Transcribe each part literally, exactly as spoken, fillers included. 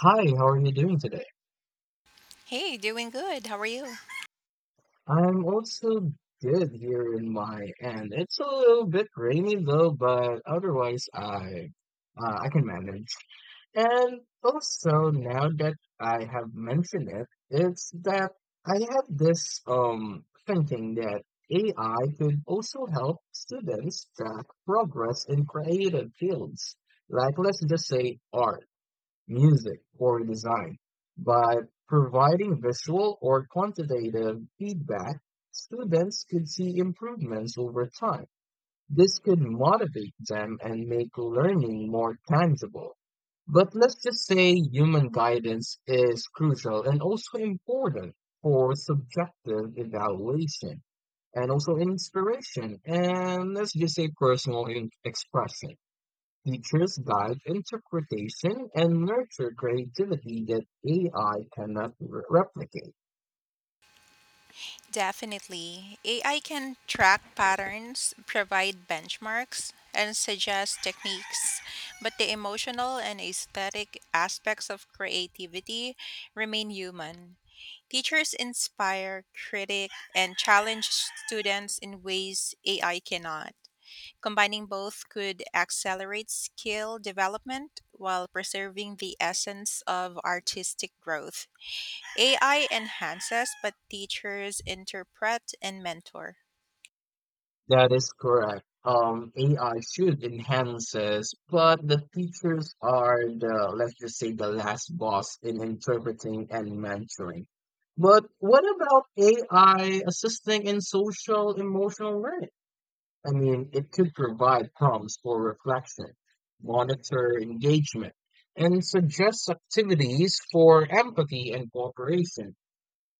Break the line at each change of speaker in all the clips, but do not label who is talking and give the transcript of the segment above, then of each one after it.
Hi, how are you doing today?
Hey, doing good. How are you?
I'm also good here in my end. It's a little bit rainy though, but otherwise I uh, I can manage. And also now that I have mentioned it, it's that I have this um thinking that A I could also help students track progress in creative fields. Like let's just say art, music, or design. By providing visual or quantitative feedback, students could see improvements over time. This could motivate them and make learning more tangible. But let's just say human guidance is crucial and also important for subjective evaluation and also inspiration and let's just say personal in- expression. Teachers guide interpretation and nurture creativity that A I cannot re- replicate.
Definitely. A I can track patterns, provide benchmarks, and suggest techniques, but the emotional and aesthetic aspects of creativity remain human. Teachers inspire, critic, and challenge students in ways A I cannot. Combining both could accelerate skill development while preserving the essence of artistic growth. A I enhances, but teachers interpret and mentor.
That is correct. Um, A I should enhance us, but the teachers are the, let's just say, the last boss in interpreting and mentoring. But what about A I assisting in social emotional learning? I mean, it could provide prompts for reflection, monitor engagement, and suggest activities for empathy and cooperation.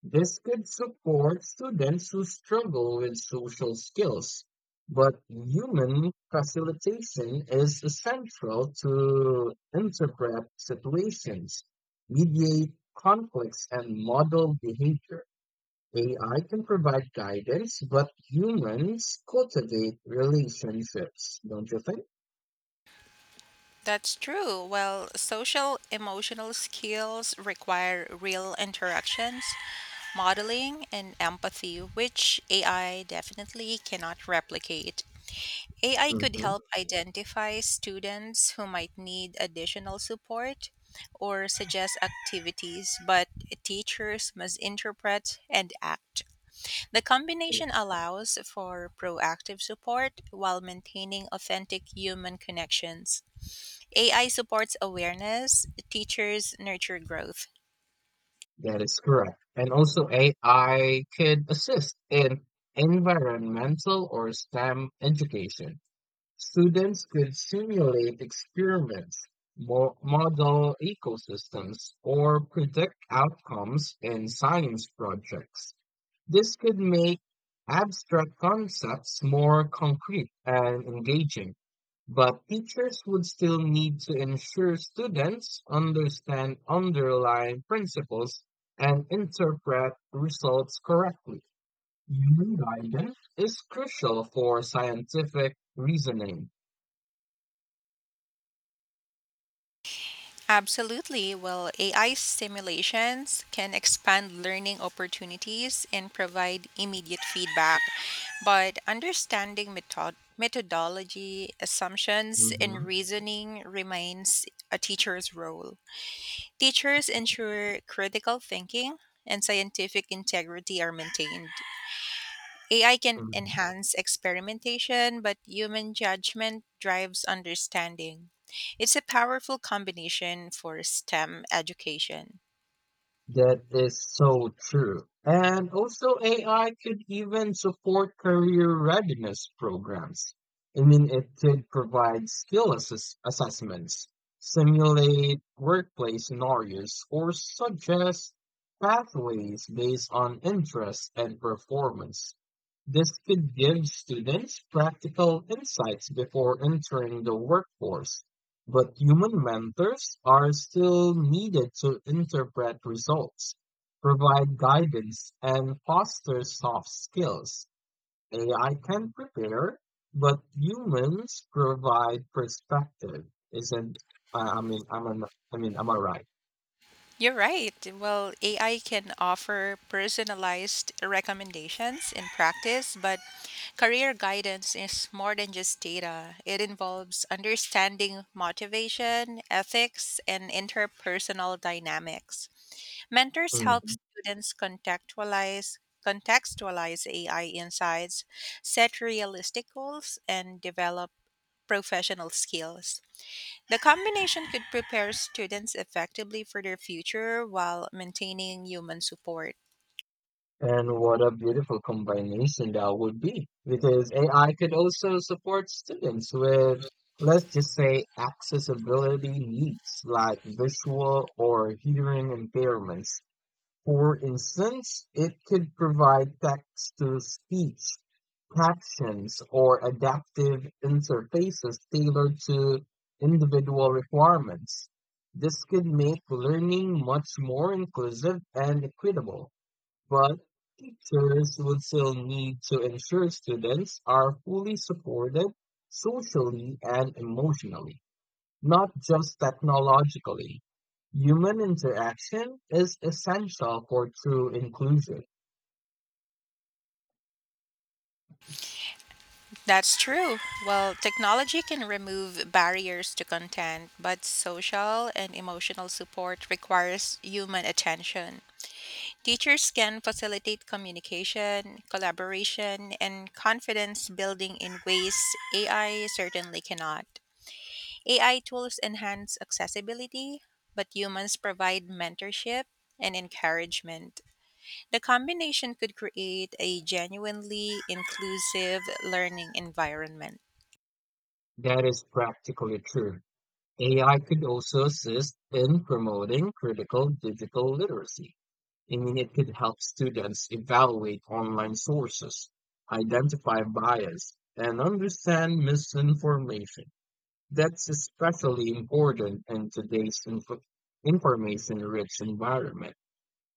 This could support students who struggle with social skills, but human facilitation is essential to interpret situations, mediate conflicts, and model behavior. A I can provide guidance, but humans cultivate relationships, don't you think?
That's true. Well, social emotional skills require real interactions, modeling, and empathy, which A I definitely cannot replicate. A I could
hmm
help identify students who might need additional support or suggest activities, but teachers must interpret and act. The combination allows for proactive support while maintaining authentic human connections. A I supports awareness, teachers nurture growth.
That is correct. And also, A I could assist in environmental or STEM education. Students could simulate experiments, mo- model ecosystems, or predict outcomes in science projects. This could make abstract concepts more concrete and engaging. But teachers would still need to ensure students understand underlying principles and interpret results correctly. Human guidance is crucial for scientific reasoning.
Absolutely. Well, A I simulations can expand learning opportunities and provide immediate feedback, but understanding method- methodology, assumptions, and
Mhm,
reasoning remains a teacher's role. Teachers ensure critical thinking and scientific integrity are maintained. A I can
mhm.
enhance experimentation, but human judgment drives understanding. It's a powerful combination for STEM education.
That is so true. And also, A I could even support career readiness programs. I mean, it could provide skill assess- assessments, simulate workplace scenarios, or suggest pathways based on interest and performance. This could give students practical insights before entering the workforce, but human mentors are still needed to interpret results, provide guidance, and foster soft skills. A I can prepare, but humans provide perspective. Isn't I I mean I'm an, I mean am I right?
You're right. Well, A I can offer personalized recommendations in practice, but career guidance is more than just data. It involves understanding motivation, ethics, and interpersonal dynamics. Mentors help
Mm.
students contextualize contextualize A I insights, set realistic goals, and develop professional skills. The combination could prepare students effectively for their future while maintaining human support.
And what a beautiful combination that would be, because A I could also support students with, let's just say, accessibility needs like visual or hearing impairments. For instance, it could provide text to speech captions or adaptive interfaces tailored to individual requirements. This could make learning much more inclusive and equitable. But teachers would still need to ensure students are fully supported socially and emotionally, not just technologically. Human interaction is essential for true inclusion.
That's true. Well, technology can remove barriers to content, but social and emotional support requires human attention. Teachers can facilitate communication, collaboration, and confidence building in ways A I certainly cannot. A I tools enhance accessibility, but humans provide mentorship and encouragement. The combination could create a genuinely inclusive learning environment.
That is practically true. A I could also assist in promoting critical digital literacy. I mean, it could help students evaluate online sources, identify bias, and understand misinformation. That's especially important in today's info- information-rich environment.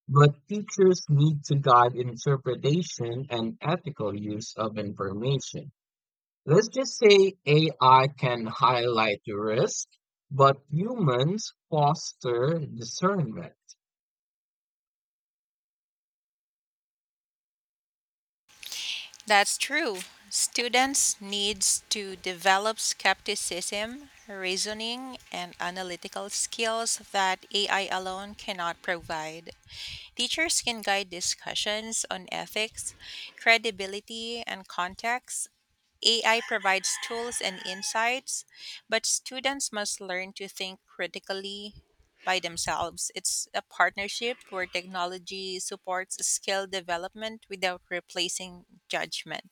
But teachers need to guide interpretation and ethical use of information. Let's just say A I can highlight the risk, but humans foster discernment.
That's true. Students needs to develop skepticism, reasoning, and analytical skills that A I alone cannot provide. Teachers can guide discussions on ethics, credibility, and context. A I provides tools and insights, but students must learn to think critically by themselves. It's a partnership where technology supports skill development without replacing judgment.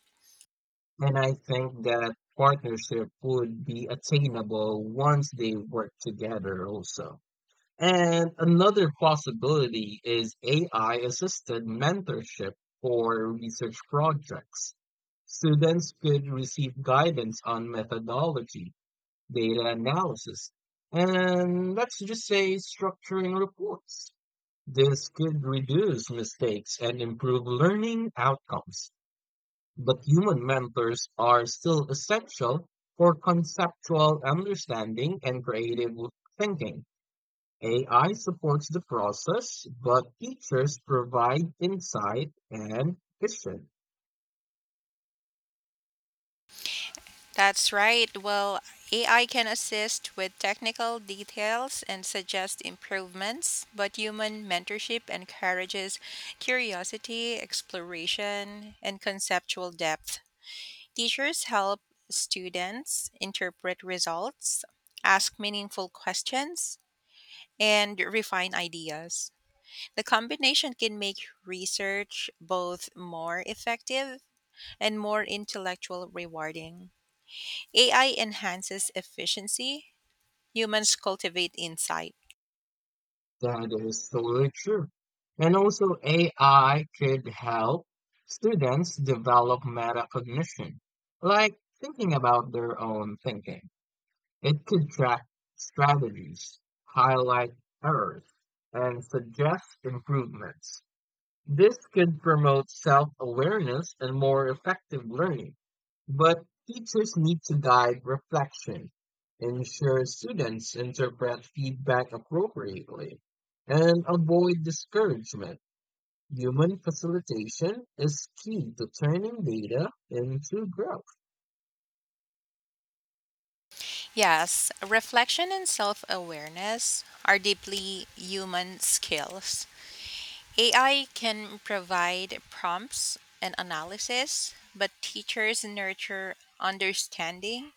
And I think that partnership would be attainable once they work together also. And another possibility is A I assisted mentorship for research projects. Students could receive guidance on methodology, data analysis, and let's just say structuring reports. This could reduce mistakes and improve learning outcomes, but human mentors are still essential for conceptual understanding and creative thinking. A I supports the process, but teachers provide insight and vision.
That's right. Well, A I can assist with technical details and suggest improvements, but human mentorship encourages curiosity, exploration, and conceptual depth. Teachers help students interpret results, ask meaningful questions, and refine ideas. The combination can make research both more effective and more intellectual rewarding. A I enhances efficiency, humans cultivate insight.
That is totally true. And also, A I could help students develop metacognition, like thinking about their own thinking. It can track strategies, highlight errors, and suggest improvements. This can promote self-awareness and more effective learning, but teachers need to guide reflection, ensure students interpret feedback appropriately, and avoid discouragement. Human facilitation is key to turning data into growth.
Yes, reflection and self awareness are deeply human skills. A I can provide prompts and analysis, but teachers nurture understanding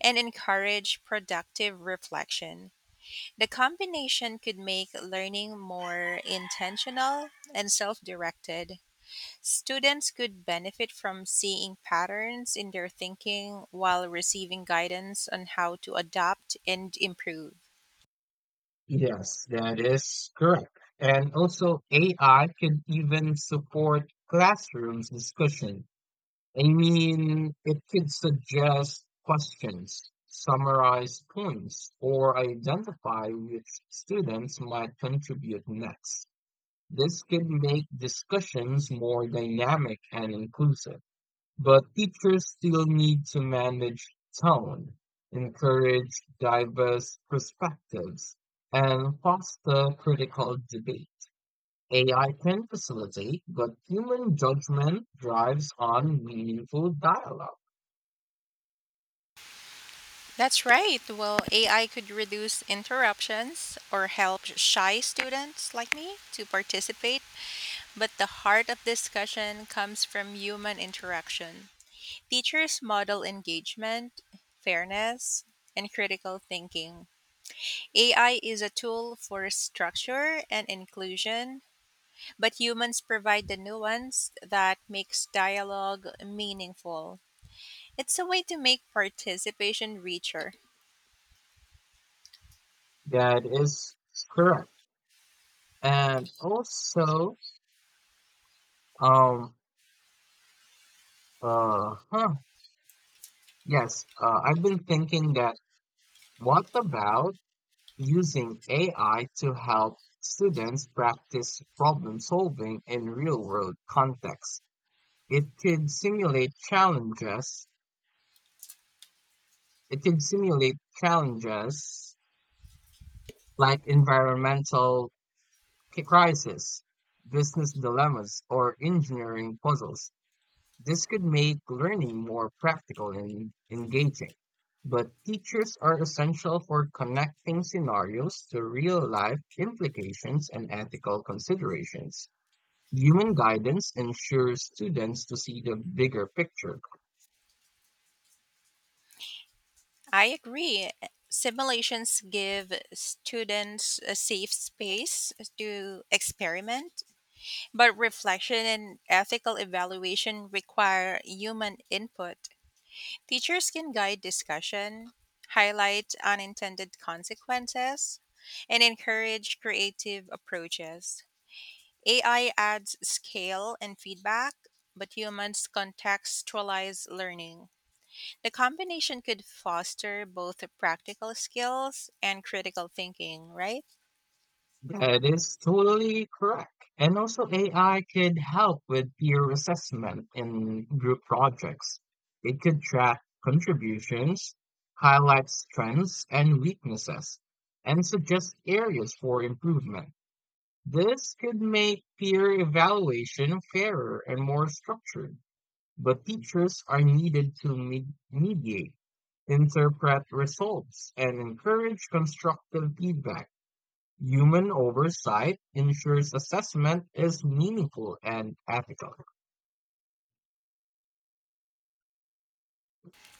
and encourage productive reflection. The combination could make learning more intentional and self directed. Students could benefit from seeing patterns in their thinking while receiving guidance on how to adapt and improve.
Yes, that is correct. And also, A I can even support classrooms discussion. I mean, it could suggest questions, summarize points, or identify which students might contribute next. This could make discussions more dynamic and inclusive. But teachers still need to manage tone, encourage diverse perspectives, and foster critical debate. A I can facilitate, but human judgment drives on meaningful dialogue.
That's right. Well, A I could reduce interruptions or help shy students like me to participate, but the heart of discussion comes from human interaction. Teachers model engagement, fairness, and critical thinking. A I is a tool for structure and inclusion, But humans provide the nuance that makes dialogue meaningful. It's a way to make participation richer.
That is correct. And also, um, uh, huh, yes, uh, I've been thinking that, what about using A I to help students practice problem solving in real world contexts. It could simulate challenges. It could simulate challenges like environmental crisis, business dilemmas, or engineering puzzles. This could make learning more practical and engaging. But teachers are essential for connecting scenarios to real life implications and ethical considerations. Human guidance ensures students to see the bigger picture.
I agree. Simulations give students a safe space to experiment, but reflection and ethical evaluation require human input. Teachers can guide discussion, highlight unintended consequences, and encourage creative approaches. A I adds scale and feedback, but humans contextualize learning. The combination could foster both practical skills and critical thinking, right?
That is totally correct. And also A I could help with peer assessment in group projects. It could track contributions, highlight strengths and weaknesses, and suggest areas for improvement. This could make peer evaluation fairer and more structured, but teachers are needed to me- mediate, interpret results, and encourage constructive feedback. Human oversight ensures assessment is meaningful and ethical.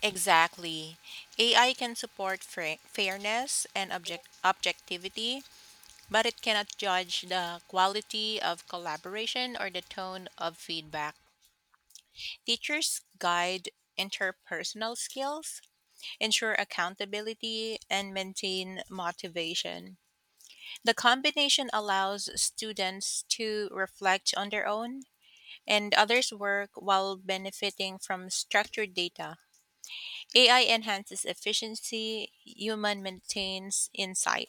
Exactly. A I can support fra- fairness and object- objectivity, but it cannot judge the quality of collaboration or the tone of feedback. Teachers guide interpersonal skills, ensure accountability, and maintain motivation. The combination allows students to reflect on their own and others' work while benefiting from structured data. A I enhances efficiency, human maintains insight.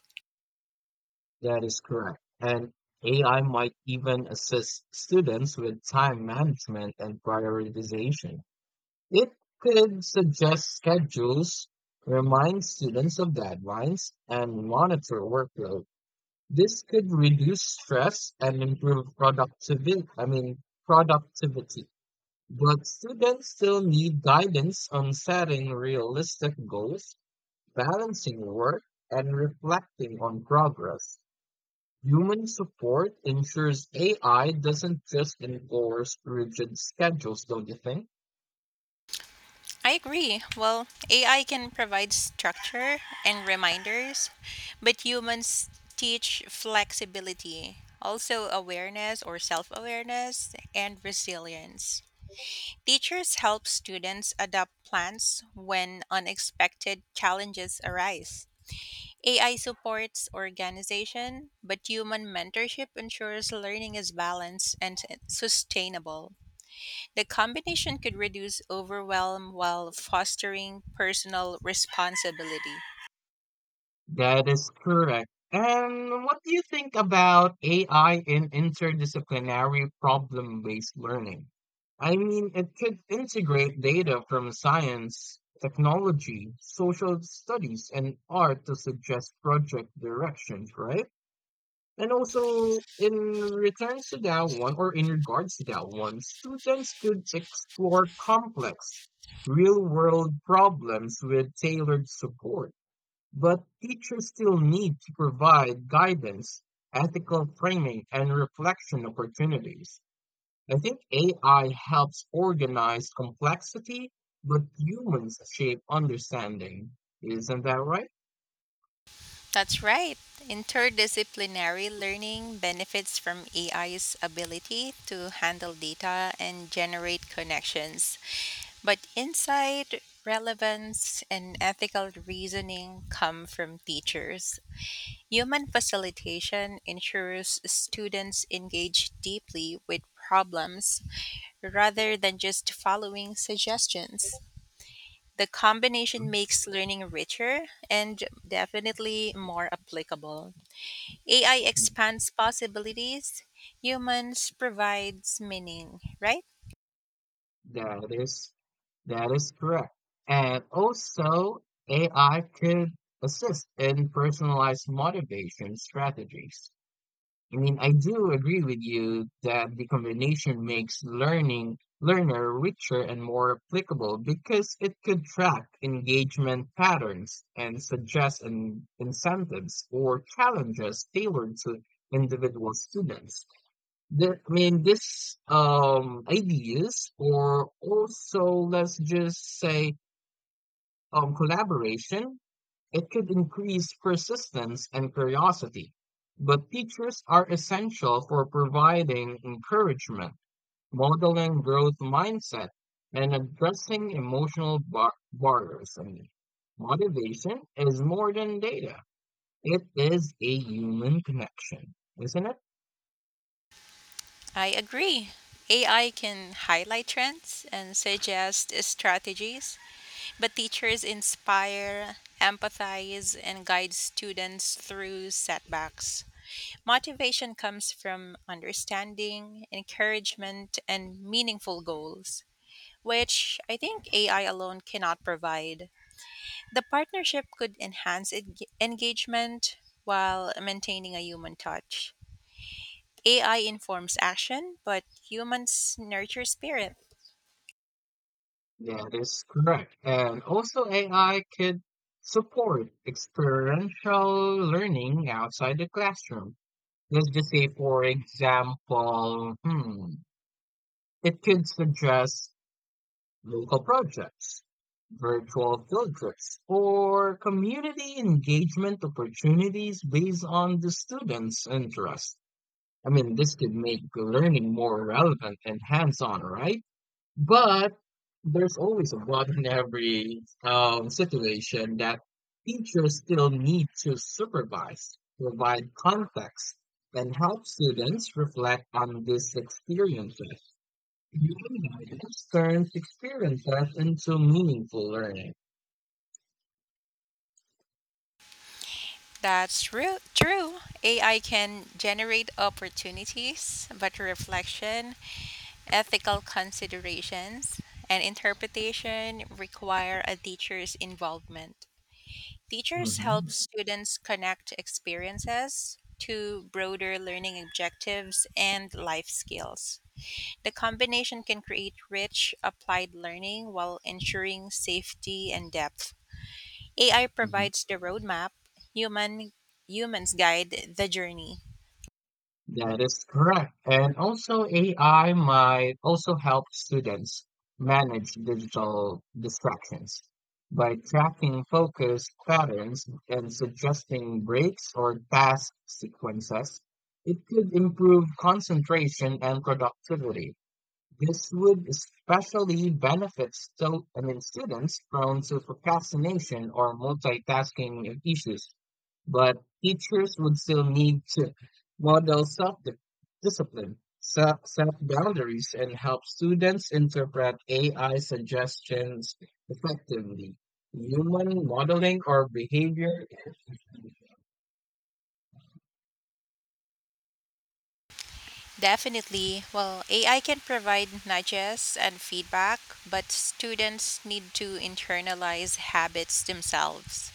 That is correct. And A I might even assist students with time management and prioritization. It could suggest schedules, remind students of deadlines, and monitor workload. This could reduce stress and improve productivity, I mean, productivity. But students still need guidance on setting realistic goals, balancing work, and reflecting on progress. Human support ensures A I doesn't just enforce rigid schedules, don't you think?
I agree. Well, A I can provide structure and reminders, but humans teach flexibility, also awareness or self awareness, and resilience. Teachers help students adapt plans when unexpected challenges arise. A I supports organization, but human mentorship ensures learning is balanced and sustainable. The combination could reduce overwhelm while fostering personal responsibility.
That is correct. And what do you think about A I in interdisciplinary problem-based learning? I mean, it could integrate data from science, technology, social studies, and art to suggest project directions, right? And also, in returns to that one, or in regards to that one, students could explore complex, real world problems with tailored support. But teachers still need to provide guidance, ethical framing, and reflection opportunities. I think A I helps organize complexity, but humans shape understanding. Isn't that right?
That's right. Interdisciplinary learning benefits from A I's ability to handle data and generate connections, but insight, relevance, and ethical reasoning come from teachers. Human facilitation ensures students engage deeply with problems rather than just following suggestions. The combination makes learning richer and definitely more applicable. A I expands possibilities, humans provides meaning, right?
That is that is correct. And also, A I could assist in personalized motivation strategies. I mean, I do agree with you that the combination makes learning learner richer and more applicable because it could track engagement patterns and suggest in, incentives or challenges tailored to individual students. The, I mean, this um, ideas, or also let's just say um, collaboration, it could increase persistence and curiosity. But teachers are essential for providing encouragement, modeling growth mindset, and addressing emotional bar- barriers. I mean, motivation is more than data; it is a human connection, isn't it?
I agree. A I can highlight trends and suggest strategies, but teachers inspire, empathize, and guide students through setbacks. Motivation comes from understanding, encouragement, and meaningful goals, which I think A I alone cannot provide. The partnership could enhance en- engagement while maintaining a human touch. A I informs action, but humans nurture spirit.
Yeah, that is correct. And also, A I could support experiential learning outside the classroom. Let's just say, for example, hmm, it could suggest local projects, virtual field trips, or community engagement opportunities based on the students' interest. I mean, this could make learning more relevant and hands on, right? But there's always a but in every um, situation, that teachers still need to supervise, provide context, and help students reflect on these experiences. Human guidance turns experiences into meaningful learning.
That's true. True. A I can generate opportunities, but reflection, ethical considerations, and interpretation require a teacher's involvement. Teachers
Mm-hmm.
help students connect experiences to broader learning objectives and life skills. The combination can create rich applied learning while ensuring safety and depth. A I provides the roadmap, human humans guide the journey.
That is correct. And also A I might also help students manage digital distractions by tracking focus patterns and suggesting breaks or task sequences. It could improve concentration and productivity. This would especially benefit so, I mean, students prone to procrastination or multitasking issues, but teachers would still need to model self-discipline, se- self-boundaries, and help students interpret A I suggestions effectively. Human modeling or behavior.
Definitely. Well, A I can provide nudges and feedback, but students need to internalize habits themselves.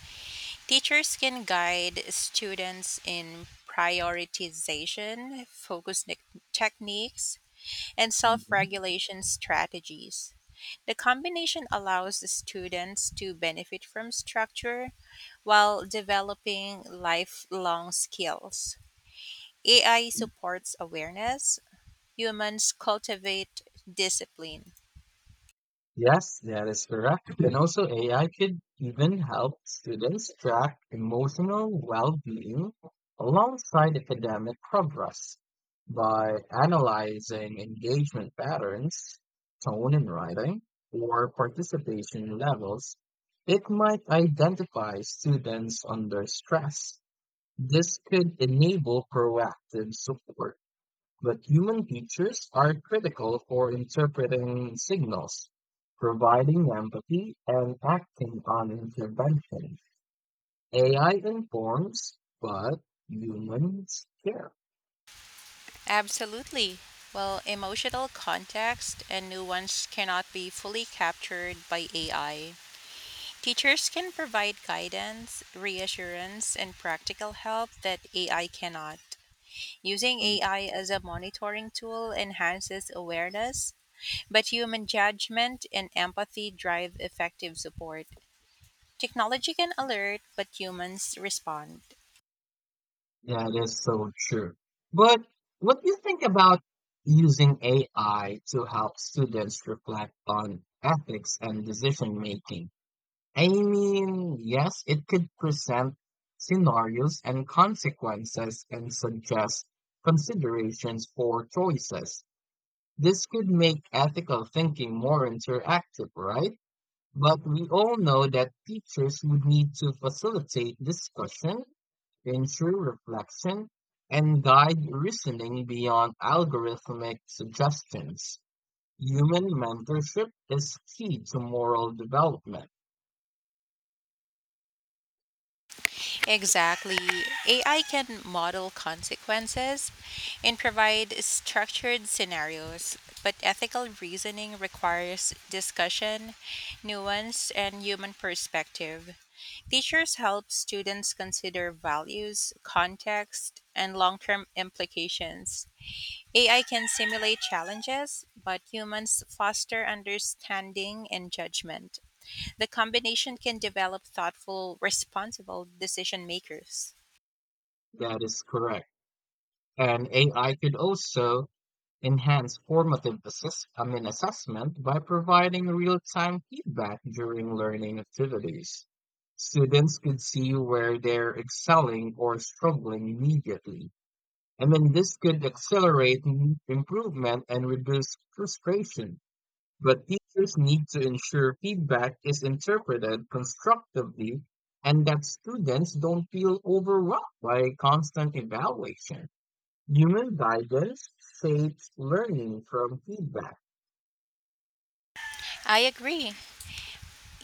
Teachers can guide students in prioritization, focus ne- techniques, and self
Hmm.
regulation strategies. The combination allows the students to benefit from structure while developing lifelong skills. A I supports awareness, humans cultivate discipline.
Yes, that is correct. And also, A I could even help students track emotional well-being alongside academic progress by analyzing engagement patterns, tone in writing, or participation levels. It might identify students under stress. This could enable proactive support, but human teachers are critical for interpreting signals, providing empathy, and acting on intervention. A I informs, but humans care.
Absolutely. Well, emotional context and nuance cannot be fully captured by A I. Teachers can provide guidance, reassurance, and practical help that A I cannot. Using A I as a monitoring tool enhances awareness, but human judgment and empathy drive effective support. Technology can alert, but humans respond.
That is so true. But what do you think about using A I to help students reflect on ethics and decision making? I mean, yes, it could present scenarios and consequences and suggest considerations for choices. This could make ethical thinking more interactive, right? But we all know that teachers would need to facilitate discussion, ensure reflection, and guide reasoning beyond algorithmic suggestions. Human mentorship is key to moral development.
Exactly. A I can model consequences and provide structured scenarios, but ethical reasoning requires discussion, nuance, and human perspective. Teachers help students consider values, context, and long term implications. A I can simulate challenges, but humans foster understanding and judgment. The combination can develop thoughtful, responsible decision makers.
That is correct. And A I could also enhance formative assess- I mean, assessment by providing real-time feedback during learning activities. Students could see where they're excelling or struggling immediately. And then this could accelerate m- improvement and reduce frustration. But teachers need to ensure feedback is interpreted constructively and that students don't feel overwhelmed by constant evaluation. Human guidance shapes learning from feedback.
I agree.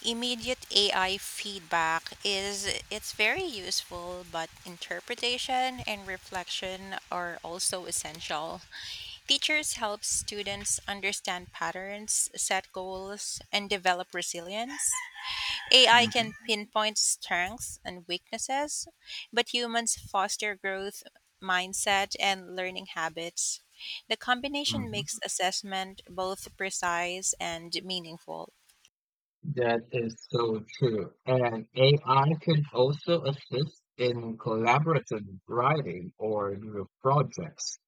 Immediate A I feedback is it's very useful, but interpretation and reflection are also essential. Teachers help students understand patterns, set goals, and develop resilience. A I can
Mhm,
pinpoint strengths and weaknesses, but humans foster growth mindset and learning habits. The combination
mhm.
makes assessment both precise and meaningful.
That is so true. And A I can also assist in collaborative writing or group projects.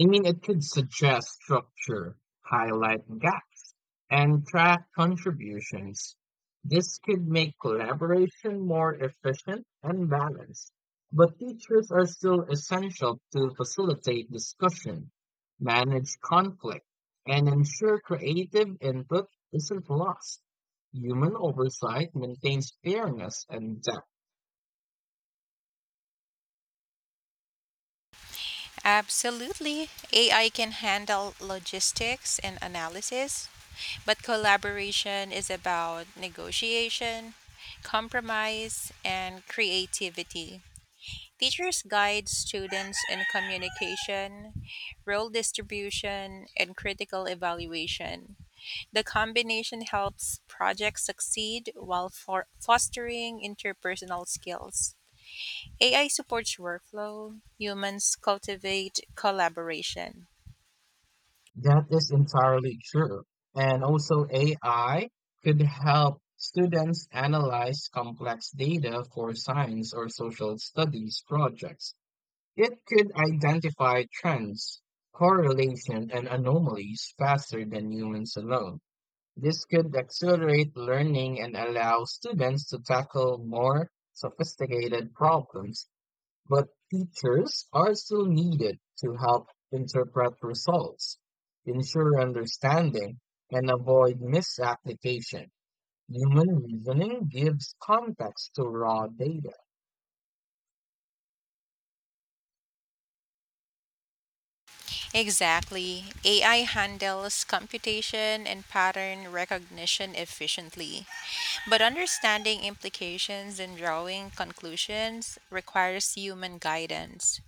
I mean, it could suggest structure, highlight gaps, and track contributions. This could make collaboration more efficient and balanced. But teachers are still essential to facilitate discussion, manage conflict, and ensure creative input isn't lost. Human oversight maintains fairness and depth.
Absolutely. A I can handle logistics and analysis, but collaboration is about negotiation, compromise, and creativity. Teachers guide students in communication, role distribution, and critical evaluation. The combination helps projects succeed while for fostering interpersonal skills. A I supports workflow, humans cultivate collaboration.
That is entirely true. And also, A I could help students analyze complex data for science or social studies projects. It could identify trends, correlation, and anomalies faster than humans alone. This could accelerate learning and allow students to tackle more sophisticated problems, but teachers are still needed to help interpret results, ensure understanding, and avoid misapplication. Human reasoning gives context to raw data.
Exactly. A I handles computation and pattern recognition efficiently. But understanding implications and drawing conclusions requires human guidance.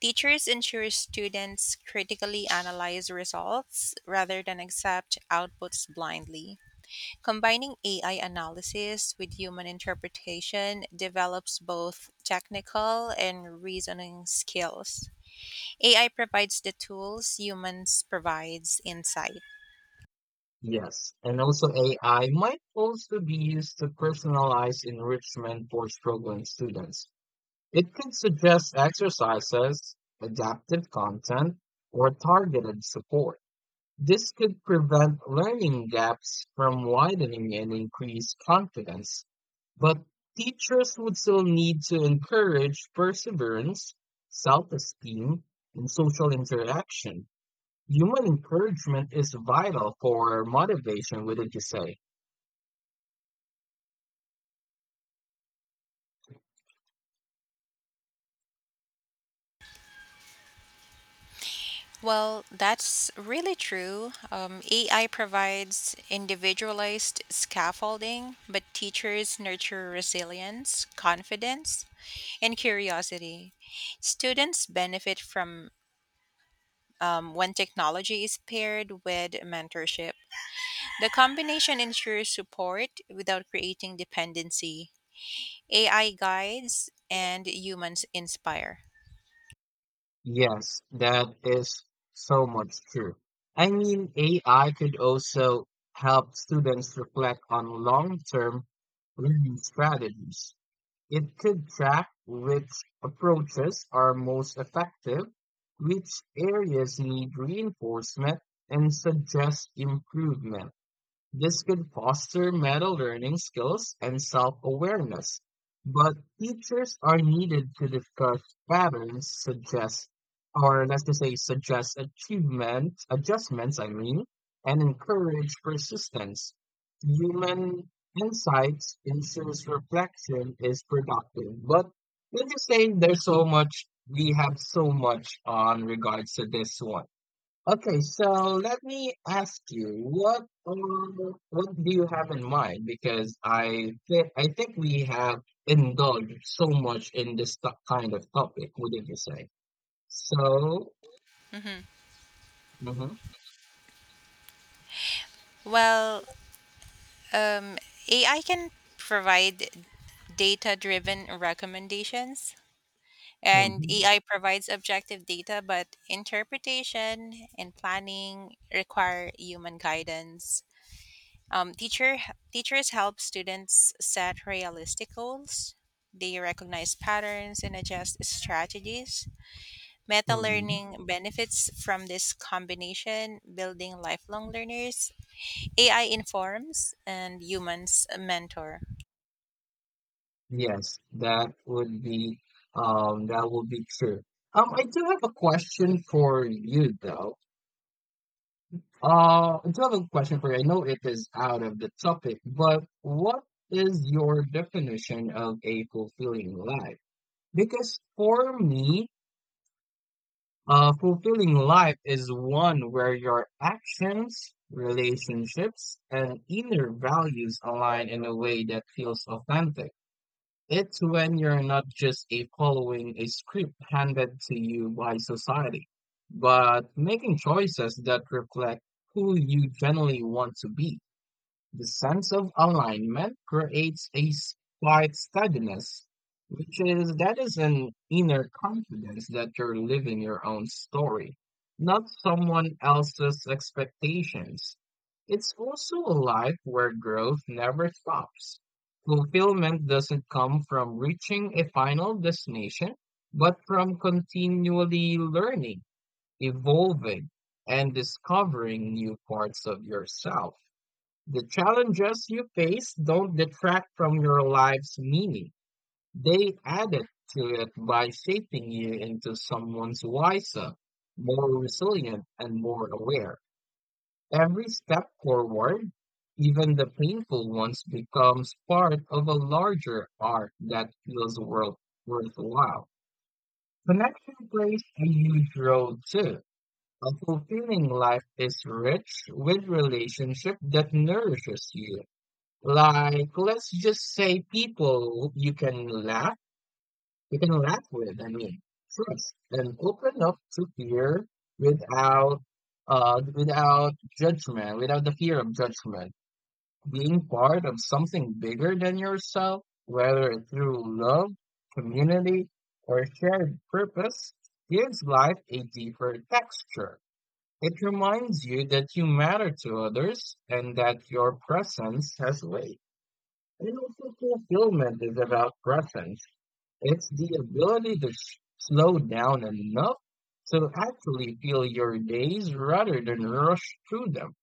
Teachers ensure students critically analyze results rather than accept outputs blindly. Combining A I analysis with human interpretation develops both technical and reasoning skills. A I provides the tools, humans provides insight.
Yes, and also A I might also be used to personalize enrichment for struggling students. It could suggest exercises, adaptive content, or targeted support. This could prevent learning gaps from widening and increase confidence, but teachers would still need to encourage perseverance, self esteem, and social interaction. Human encouragement is vital for motivation, wouldn't you say?
Well, that's really true. Um, A I provides individualized scaffolding, but teachers nurture resilience, confidence, and curiosity. Students benefit from um, when technology is paired with mentorship. The combination ensures support without creating dependency. A I guides and humans inspire.
Yes, that is so much true. I mean, A I could also help students reflect on long term learning strategies. It could track which approaches are most effective, which areas need reinforcement, and suggest improvement. This could foster meta learning skills and self awareness, but teachers are needed to discuss patterns, suggest, or let's just say, suggest achievement adjustments, I mean, and encourage persistence. Human insights ensures reflection is productive, but let's just say there's so much, we have so much on regards to this one. Okay, so let me ask you, what um, what do you have in mind? Because I think I think we have indulged so much in this to- kind of topic, wouldn't you say? So,
Mhm.
mhm,
Well, um, A I can provide data driven recommendations. And
mhm,
A I provides objective data, but interpretation and planning require human guidance. Um, teacher, Teachers help students set realistic goals. They recognize patterns and adjust strategies. Meta
mhm.
learning benefits from this combination, building lifelong learners. A I informs and humans mentor.
Yes, that would be um that would be true. Um, I do have a question for you though. Uh, I do have a question for you. I know it is out of the topic, but what is your definition of a fulfilling life? Because for me, a fulfilling life is one where your actions, relationships, and inner values align in a way that feels authentic. It's when you're not just a following a script handed to you by society, but making choices that reflect who you generally want to be. The sense of alignment creates a s- quiet steadiness, which is that is an inner confidence that you're living your own story, not someone else's expectations. It's also a life where growth never stops. Fulfillment doesn't come from reaching a final destination, but from continually learning, evolving, and discovering new parts of yourself. The challenges you face don't detract from your life's meaning. They add it to it by shaping you into someone's wiser, more resilient, and more aware. Every step forward, even the painful ones, becomes part of a larger arc that feels worth worthwhile. Connection plays a huge role too. A fulfilling life is rich with relationship that nourishes you like, let's just say people you can laugh, you can laugh with, I mean, trust and open up to fear without uh without judgment, without the fear of judgment. Being part of something bigger than yourself, whether through love, community, or shared purpose, gives life a deeper texture. It reminds you that you matter to others and that your presence has weight. And also fulfillment is about presence. It's the ability to s- slow down enough to actually feel your days rather than rush through them.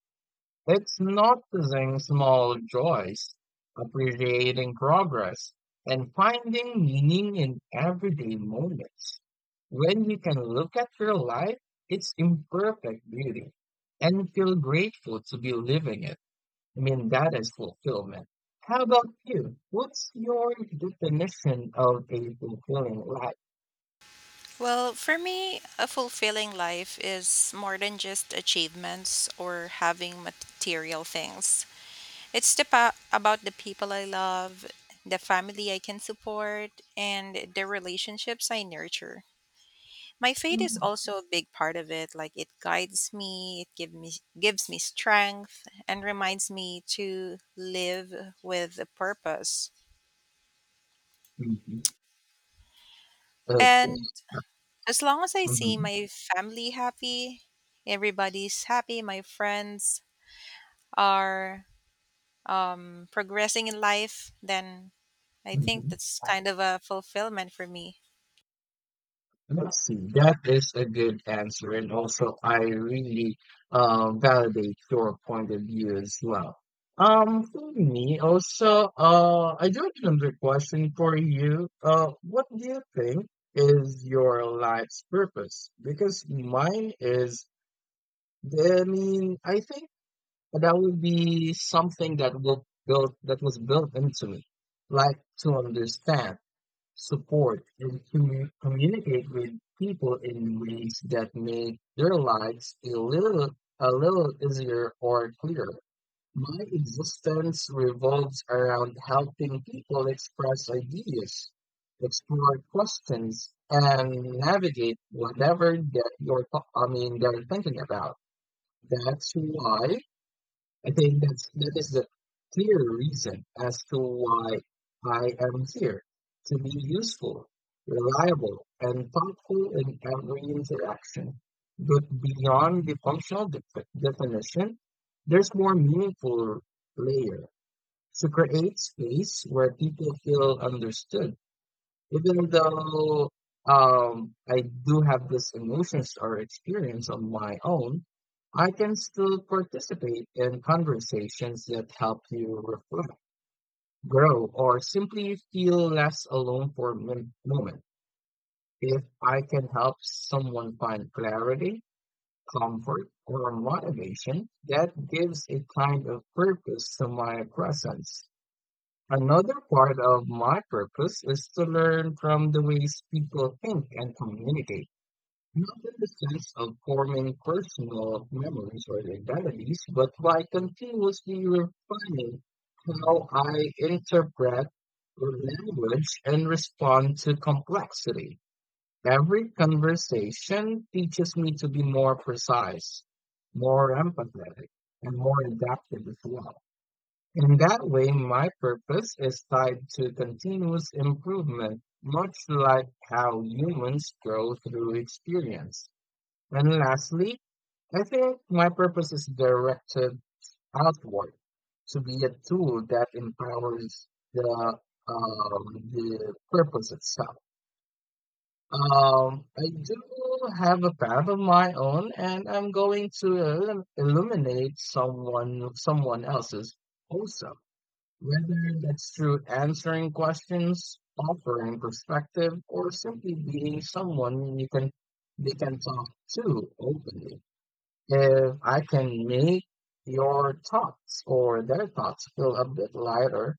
It's noticing small joys, appreciating progress, and finding meaning in everyday moments. When you can look at your life, its imperfect beauty, and feel grateful to be living it. I mean, that is fulfillment. How about you? What's your definition of a fulfilling life?
Well, for me, a fulfilling life is more than just achievements or having material things. It's the pa- about the people I love, the family I can support, and the relationships I nurture. My faith is also a big part of it. Like it guides me, it give me gives me strength, and reminds me to live with a purpose.
Mhm. Okay.
And As long as I see
Hmm.
my family happy, everybody's happy, my friends are um, progressing in life, then I think
Hmm.
that's kind of a fulfillment for me.
Let's see. That is a good answer, and also I really uh, validate your point of view as well. Um, for me, also, uh, I do have another question for you. Uh, what do you think is your life's purpose? Because mine is, I mean, I think. But that will be something that will built that was built into me, like to understand, support, and commu- communicate with people in ways that make their lives a little a little easier or clearer. My existence revolves around helping people express ideas, explore questions, and navigate whatever that you're, th- I mean, they're thinking about. That's why I think that's that is the clear reason as to why I am here to be useful, reliable, and thoughtful in every interaction. But beyond the functional def- definition, there's more meaningful layer to create space where people feel understood even though um, I do have these emotions or experience on my own, I can still participate in conversations that help you reflect, grow, or simply feel less alone for a min- moment. If I can help someone find clarity, comfort, or motivation, that gives a kind of purpose to my presence. Another part of my purpose is to learn from the ways people think and communicate, not in the sense of forming personal memories or identities, but by continuously refining how I interpret language and respond to complexity. Every conversation teaches me to be more precise, more empathetic, and more adaptive as well. In that way, my purpose is tied to continuous improvement, much like how humans grow through experience. And lastly, I think my purpose is directed outward to be a tool that empowers the um, the purpose itself. Um, I do have a path of my own, and I'm going to illu- illuminate someone someone else's also. Whether that's through answering questions, offering perspective, or simply being someone you can they can talk to openly. If I can make your thoughts or their thoughts feel a bit lighter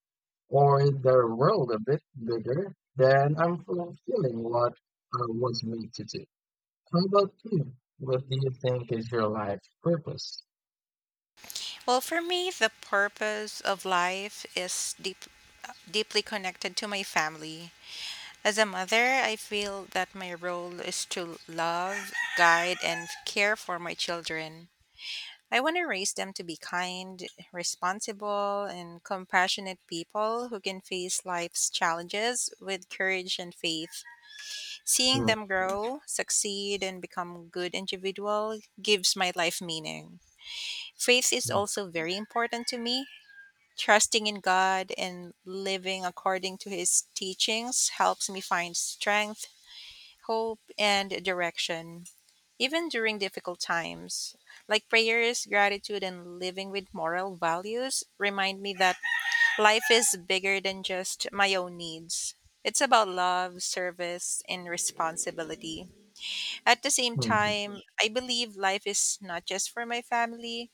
or their world a bit bigger, then I'm fulfilling what I was made to do. How about you? What do you think is your life purpose?
Well, for me, the purpose of life is deep, deeply connected to my family. As a mother, I feel that my role is to love, guide, and care for my children. I want to raise them to be kind, responsible, and compassionate people who can face life's challenges with courage and faith. Seeing
Mm,
them grow, succeed, and become good individual gives my life meaning. Faith is
mm,
also very important to me. Trusting in God and living according to his teachings helps me find strength, hope, and direction, even during difficult times. Like prayers, gratitude, and living with moral values remind me that life is bigger than just my own needs. It's about love, service, and responsibility. At the same
mm, mm,
time, I believe life is not just for my family.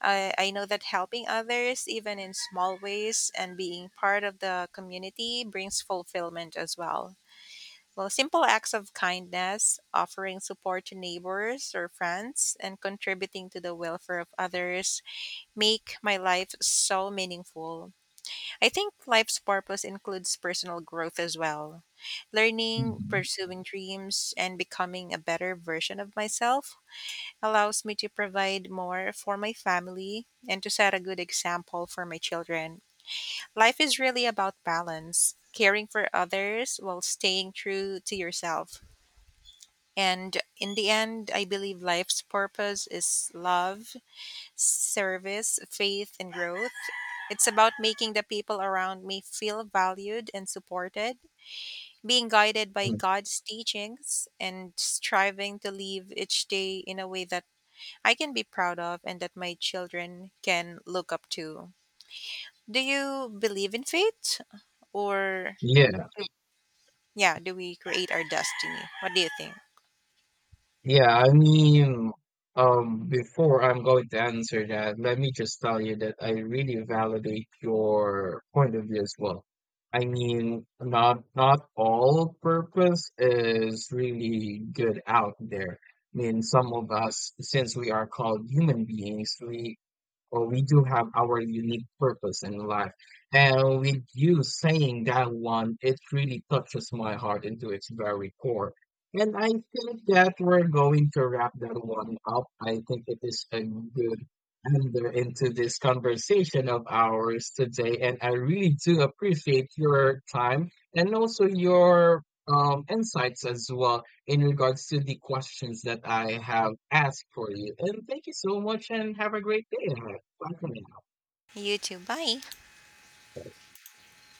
I, I know that helping others, even in small ways, and being part of the community brings fulfillment as well. Well, simple acts of kindness, offering support to neighbors or friends, and contributing to the welfare of others make my life so meaningful. I think life's purpose includes personal growth as well. Learning,
mm,
pursuing dreams, and becoming a better version of myself allows me to provide more for my family and to set a good example for my children. Life is really about balance, caring for others while staying true to yourself. And in the end, I believe life's purpose is love, service, faith, and growth. It's about making the people around me feel valued and supported, being guided by
mm.
God's teachings, and striving to live each day in a way that I can be proud of and that my children can look up to. Do you believe in fate? Or,
Yeah.
yeah, do we create our destiny? What do you think?
Yeah, I mean, um, before I'm going to answer that, let me just tell you that I really validate your point of view as well. I mean, not not all purpose is really good out there. I mean, some of us, since we are called human beings, we well, we do have our unique purpose in life. And with you saying that one, it really touches my heart into its very core. And I think that we're going to wrap that one up. I think it is a good ender into this conversation of ours today. And I really do appreciate your time and also your um, insights as well in regards to the questions that I have asked for you. And thank you so much and have a great day ahead. Welcome
You too. Bye.